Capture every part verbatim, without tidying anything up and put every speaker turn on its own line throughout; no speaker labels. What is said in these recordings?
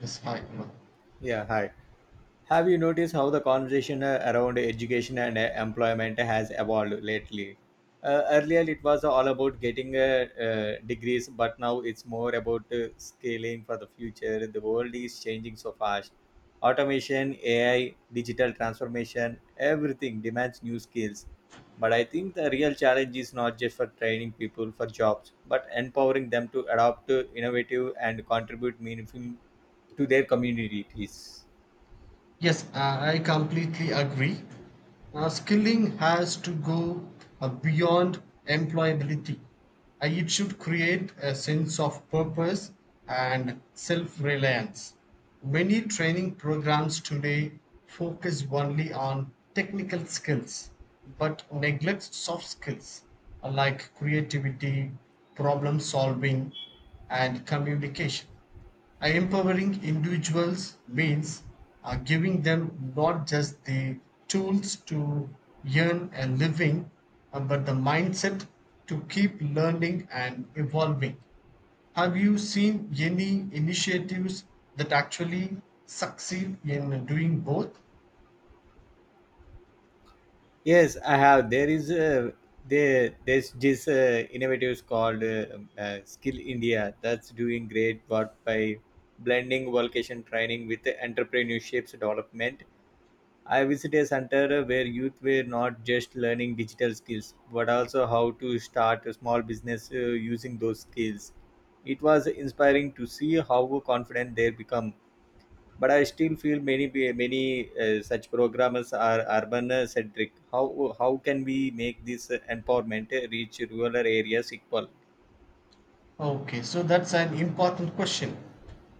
Yes, I, no.
Yeah, hi. Have you noticed how the conversation uh, around education and uh, employment has evolved lately? Uh, earlier, it was all about getting uh, uh, degrees, but now it's more about uh, scaling for the future. The world is changing so fast. Automation, A I, digital transformation, everything demands new skills. But I think the real challenge is not just for training people for jobs, but empowering them to adopt uh, innovative and contribute meaningful to their communities.
yes, I I completely agree. Uh, skilling has to go uh, beyond employability. Uh, it should create a sense of purpose and self reliance. Many training programs today focus only on technical skills but neglect soft skills uh, like creativity, problem solving, and communication. Empowering individuals means uh, giving them not just the tools to earn a living uh, but the mindset to keep learning and evolving. Have you seen any initiatives that actually succeed in doing both?
Yes, I have. There is a there there's this uh, innovatives called uh, uh, Skill India that's doing great work by blending vocation training with entrepreneurships development. I visited a center where youth were not just learning digital skills but also how to start a small business uh, using those skills. It was inspiring to see how confident they become, but I still feel many pe- many uh, such programmers are urban uh, centric. How how can we make this uh, empowerment uh, reach rural areas equal?
Okay, so that's an important question.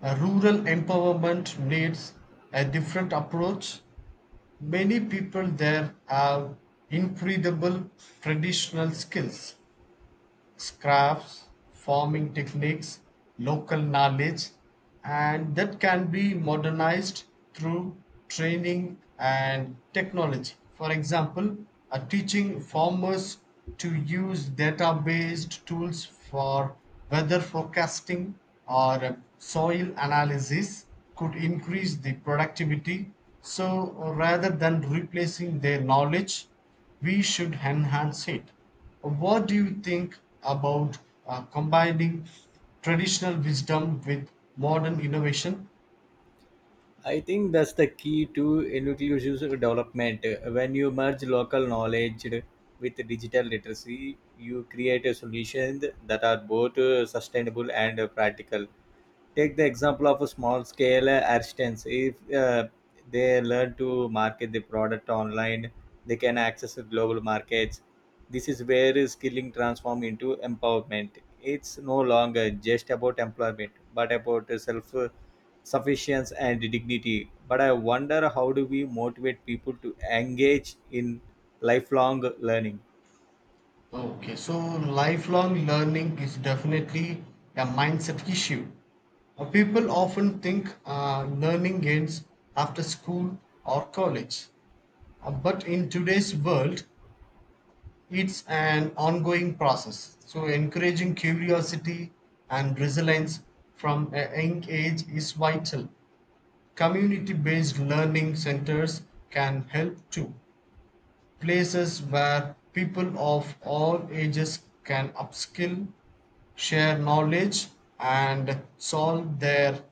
Uh, rural empowerment needs a different approach. Many people there have incredible traditional skills, crafts, farming techniques, local knowledge, and that can be modernized through training and technology. For example, uh, teaching farmers to use data based tools for weather forecasting or soil analysis could increase the productivity. So, rather than replacing their knowledge, we should enhance it. What do you think about uh, combining traditional wisdom with modern innovation?
I think that's the key to inclusive development. When you merge local knowledge with digital literacy, you create a solution that are both uh, sustainable and uh, practical. Take the example of a small scale uh, artisans. If uh, they learn to market the product online, they can access the global markets. This is where skilling transform into empowerment. It's no longer just about employment but about self sufficiency and dignity. But I wonder, how do we motivate people to engage in lifelong learning?
Okay, so lifelong learning is definitely a mindset issue. Uh, people often think uh, learning ends after school or college. Uh, but in today's world, it's an ongoing process. So, encouraging curiosity and resilience from a young age is vital. Community based learning centers can help too, places where people of all ages can upskill, share knowledge, and solve their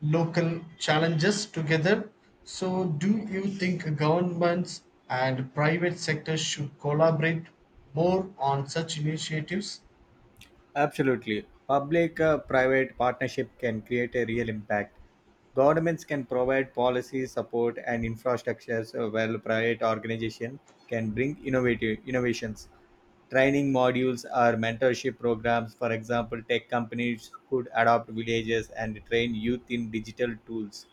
local challenges together. So, do you think governments and private sectors should collaborate more on such initiatives?
Absolutely. Public uh, private partnership can create a real impact. Governments can provide policy support and infrastructures uh, while private organizations can bring innovative innovations. Training modules or mentorship programs, for example, tech companies could adopt villages and train youth in digital tools.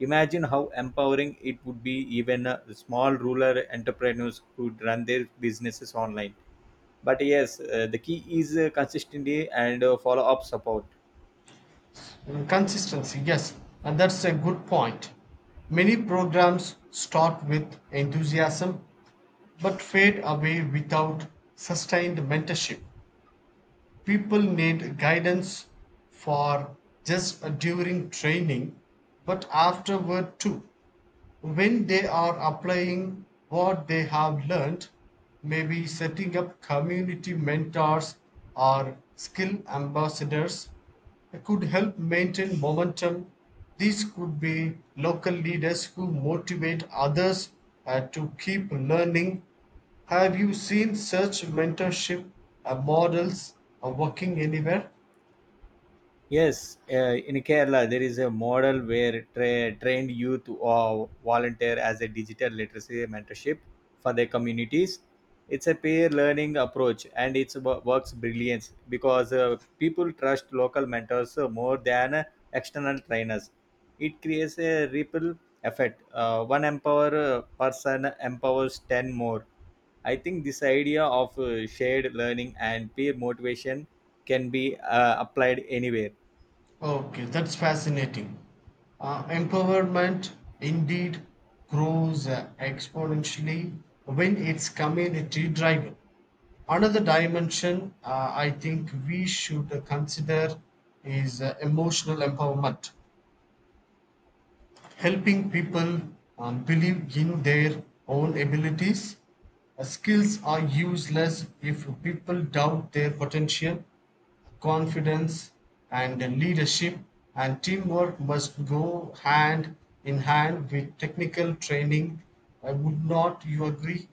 Imagine how empowering it would be even uh, small rural entrepreneurs could run their businesses online. But yes, uh, the key is uh, consistency and uh, follow up support.
Consistency, yes, and that's a good point. Many programs start with enthusiasm but fade away without sustained mentorship. People need guidance for just during training but afterward too, when they are applying what they have learned, maybe setting up community mentors or skill ambassadors could help maintain momentum. These could be local leaders who motivate others uh, to keep learning. Have you seen such mentorship uh, models uh, working anywhere?
Yes, uh, in Kerala there is a model where tra- trained youth uh, volunteer as a digital literacy mentorship for their communities. It's a peer learning approach and it works brilliance because uh, people trust local mentors uh, more than uh, external trainers. It creates a ripple effect. Uh, one empower uh, person empowers ten more. I think this idea of uh, shared learning and peer motivation can be uh, applied anywhere.
Okay, that's fascinating. Uh, empowerment indeed grows uh, exponentially when it's community driven. Another dimension uh, I think we should uh, consider is uh, emotional empowerment, helping people um, believe in their own abilities. Uh, skills are useless if people doubt their potential. Confidence and leadership and teamwork must go hand in hand with technical training. I would not you agree?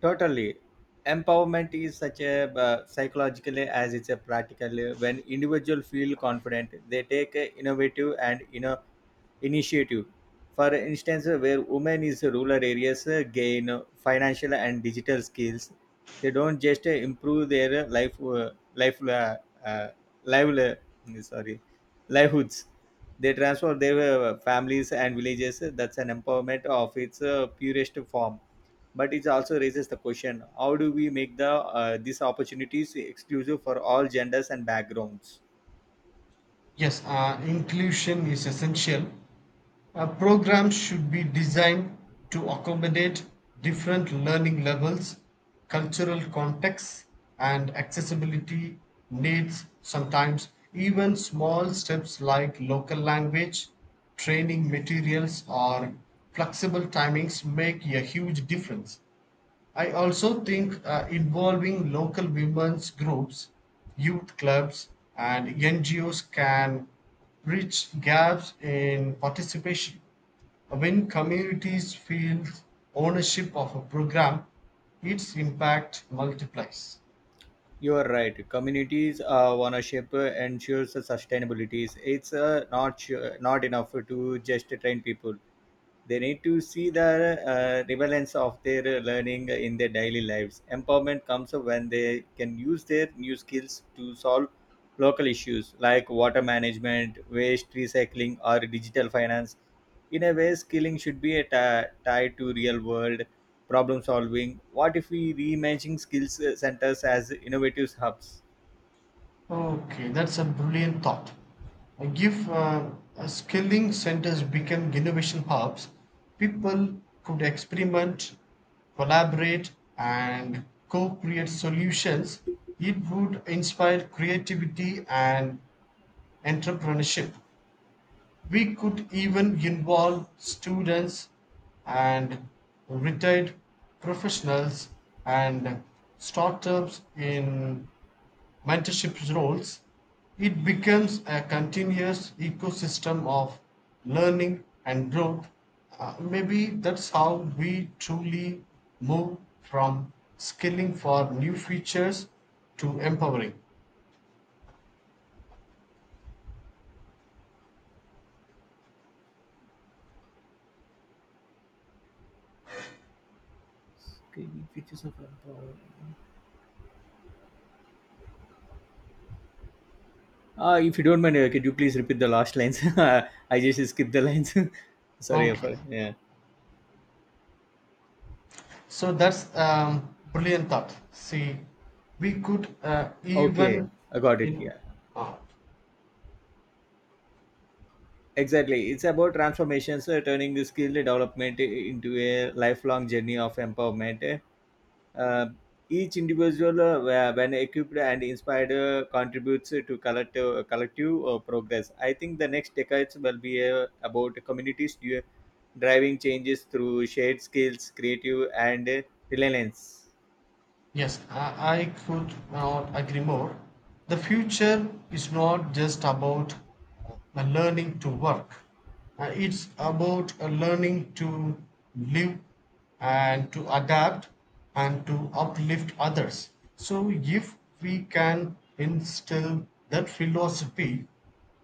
Totally. Empowerment is such a uh, psychologically as it's a practically. When individuals feel confident, they take uh, innovative and you know initiative. For instance, where women in rural areas uh, gain uh, financial and digital skills, they don't just uh, improve their uh, life uh, life uh, uh, liveli- sorry livelihoods. They transform their uh, families and villages. That's an empowerment of its uh, purest form. But it also raises the question: how do we make the uh, these opportunities exclusive for all genders and backgrounds?
Yes, uh, inclusion is essential. A program should be designed to accommodate different learning levels, cultural contexts, and accessibility needs. Sometimes, even small steps like local language, training materials, or flexible timings make a huge difference. I also think uh, involving local women's groups, youth clubs, and N G Os can bridge gaps in participation. When communities feel ownership of a program, its impact multiplies.
You are right. Communities uh, ownership ensures sustainability. It's uh, not su- not enough to just train people. They need to see the uh, relevance of their learning in their daily lives. Empowerment comes when they can use their new skills to solve local issues like water management, waste recycling, or digital finance. In a way, skilling should be a ti- tied to real world problem solving. What if we reimagine skills uh, centers as innovative hubs?
Okay, that's a brilliant thought. Uh, Give uh, uh, Skilling centers become innovation hubs, people could experiment, collaborate, and co-create solutions. It would inspire creativity and entrepreneurship. We could even involve students and retired professionals and startups in mentorship roles. It becomes a continuous ecosystem of learning and growth. Uh, maybe that's how we truly move from skilling for new features to empowering.
Okay, the features of empowerment. Uh, if you don't mind, uh, could you please repeat the last lines? I just skipped the lines. Sorry
Okay,
for yeah.
so that's um, brilliant thought. See, we could uh,
Okay,
even
I got it.
in,
Yeah,
uh,
exactly. It's about transformations, uh, turning the skill development uh, into a lifelong journey of empowerment. Uh, each individual, uh, wh- when equipped and inspired, uh, contributes to collective collective uh, progress. I think the next decades will be uh, about communities dri- driving changes through shared skills, creative, and uh, reliance.
yes, I, I could not agree more. The future is not just about uh, learning to work. Uh, it's about uh, learning to live and to adapt and to uplift others. So, if we can instill that philosophy,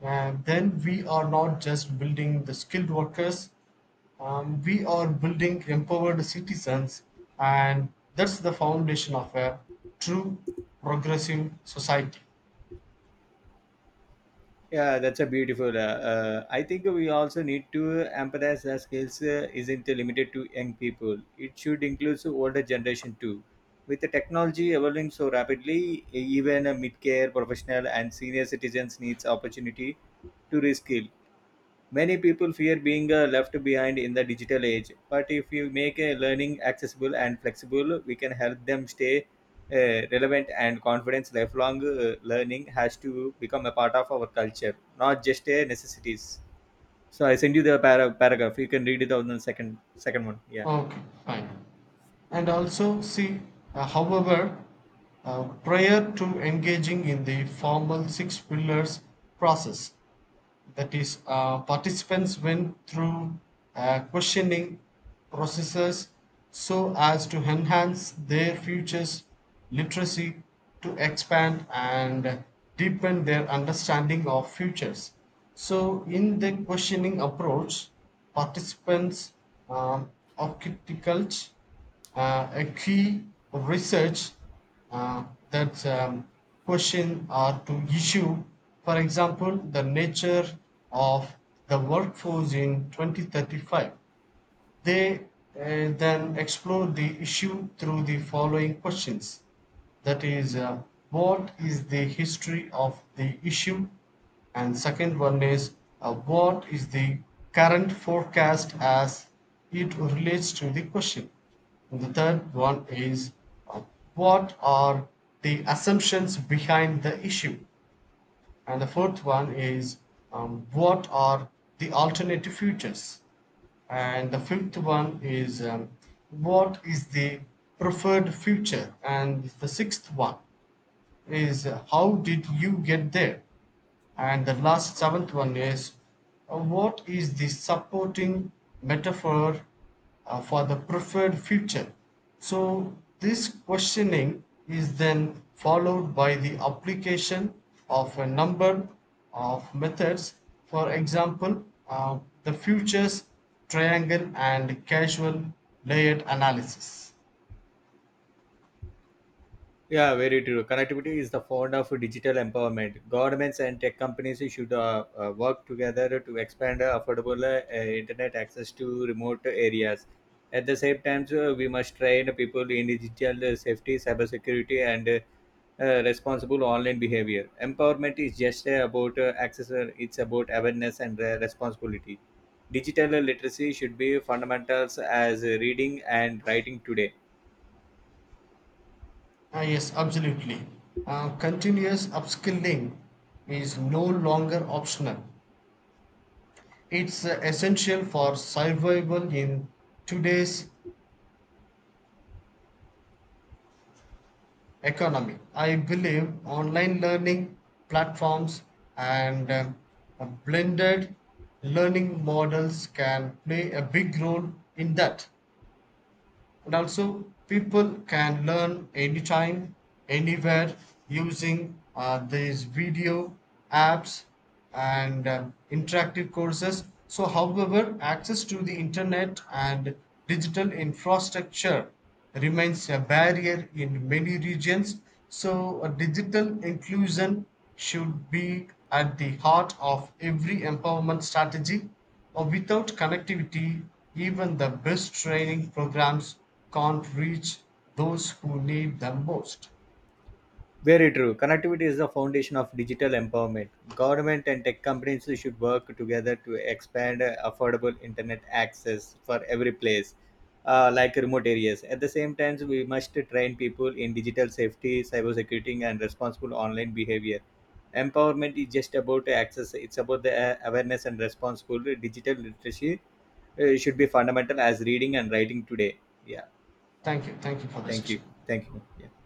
uh, then we are not just building the skilled workers, um, we are building empowered citizens, and that's the foundation of a true progressive society.
Yeah, that's a beautiful. Uh, uh, I think we also need to emphasize that skills uh, isn't limited to young people. It should include older generation too. With the technology evolving so rapidly, even a mid-care professional and senior citizens needs opportunity to reskill. Many people fear being uh, left behind in the digital age, but if you make uh, learning accessible and flexible, we can help them stay uh, relevant and confident. Lifelong uh, learning has to become a part of our culture, not just a necessities. So I send you the para- paragraph. You can read it on the second second one. Yeah.
Okay, fine. And also, see, uh, however, uh, prior to engaging in the formal six pillars process. That is, uh, participants went through uh, questioning processes so as to enhance their futures literacy, to expand and deepen their understanding of futures. So, in the questioning approach, participants um, architect uh, a key research uh, that um, question or to issue. For example, the nature of the workforce in twenty thirty-five. They uh, then explore the issue through the following questions. That is, uh, what is the history of the issue? And second one is, uh, what is the current forecast as it relates to the question? And the third one is, uh, what are the assumptions behind the issue? And the fourth one is, um, what are the alternative futures? And the fifth one is, um, what is the preferred future? And the sixth one is, how did you get there? And the last seventh one is, uh, what is the supporting metaphor uh, for the preferred future? So, this questioning is then followed by the application of a number of methods. For example, uh, the futures triangle and casual layered analysis.
Yeah, very true. Connectivity is the founder of digital empowerment. Governments and tech companies should uh, uh, work together to expand uh, affordable uh, uh, internet access to remote areas. At the same time, uh, we must train people in digital uh, safety, cybersecurity, and uh, uh, responsible online behavior. Empowerment is just uh, about uh, access; uh, it's about awareness and uh, responsibility. Digital literacy should be fundamentals as reading and writing today.
Ah, yes, absolutely. Uh, continuous upskilling is no longer optional. It's uh, essential for survival in today's economy. I believe online learning platforms and uh, blended learning models can play a big role in that. And also, people can learn anytime, anywhere using uh, these video apps and uh, interactive courses. So, however, access to the internet and digital infrastructure remains a barrier in many regions. So, uh, digital inclusion should be at the heart of every empowerment strategy, or without connectivity, even the best training programs can't reach those who need them most.
Very true. Connectivity is the foundation of digital empowerment. Government and tech companies should work together to expand uh, affordable internet access for every place, uh, like remote areas. At the same time, we must train people in digital safety, cybersecurity, and responsible online behavior. Empowerment is just about access, it's about the uh, awareness and responsible. Digital literacy uh, should be fundamental as reading and writing today. Yeah,
Thank you. Thank you for the
thank
session.
you. Thank you. Yeah,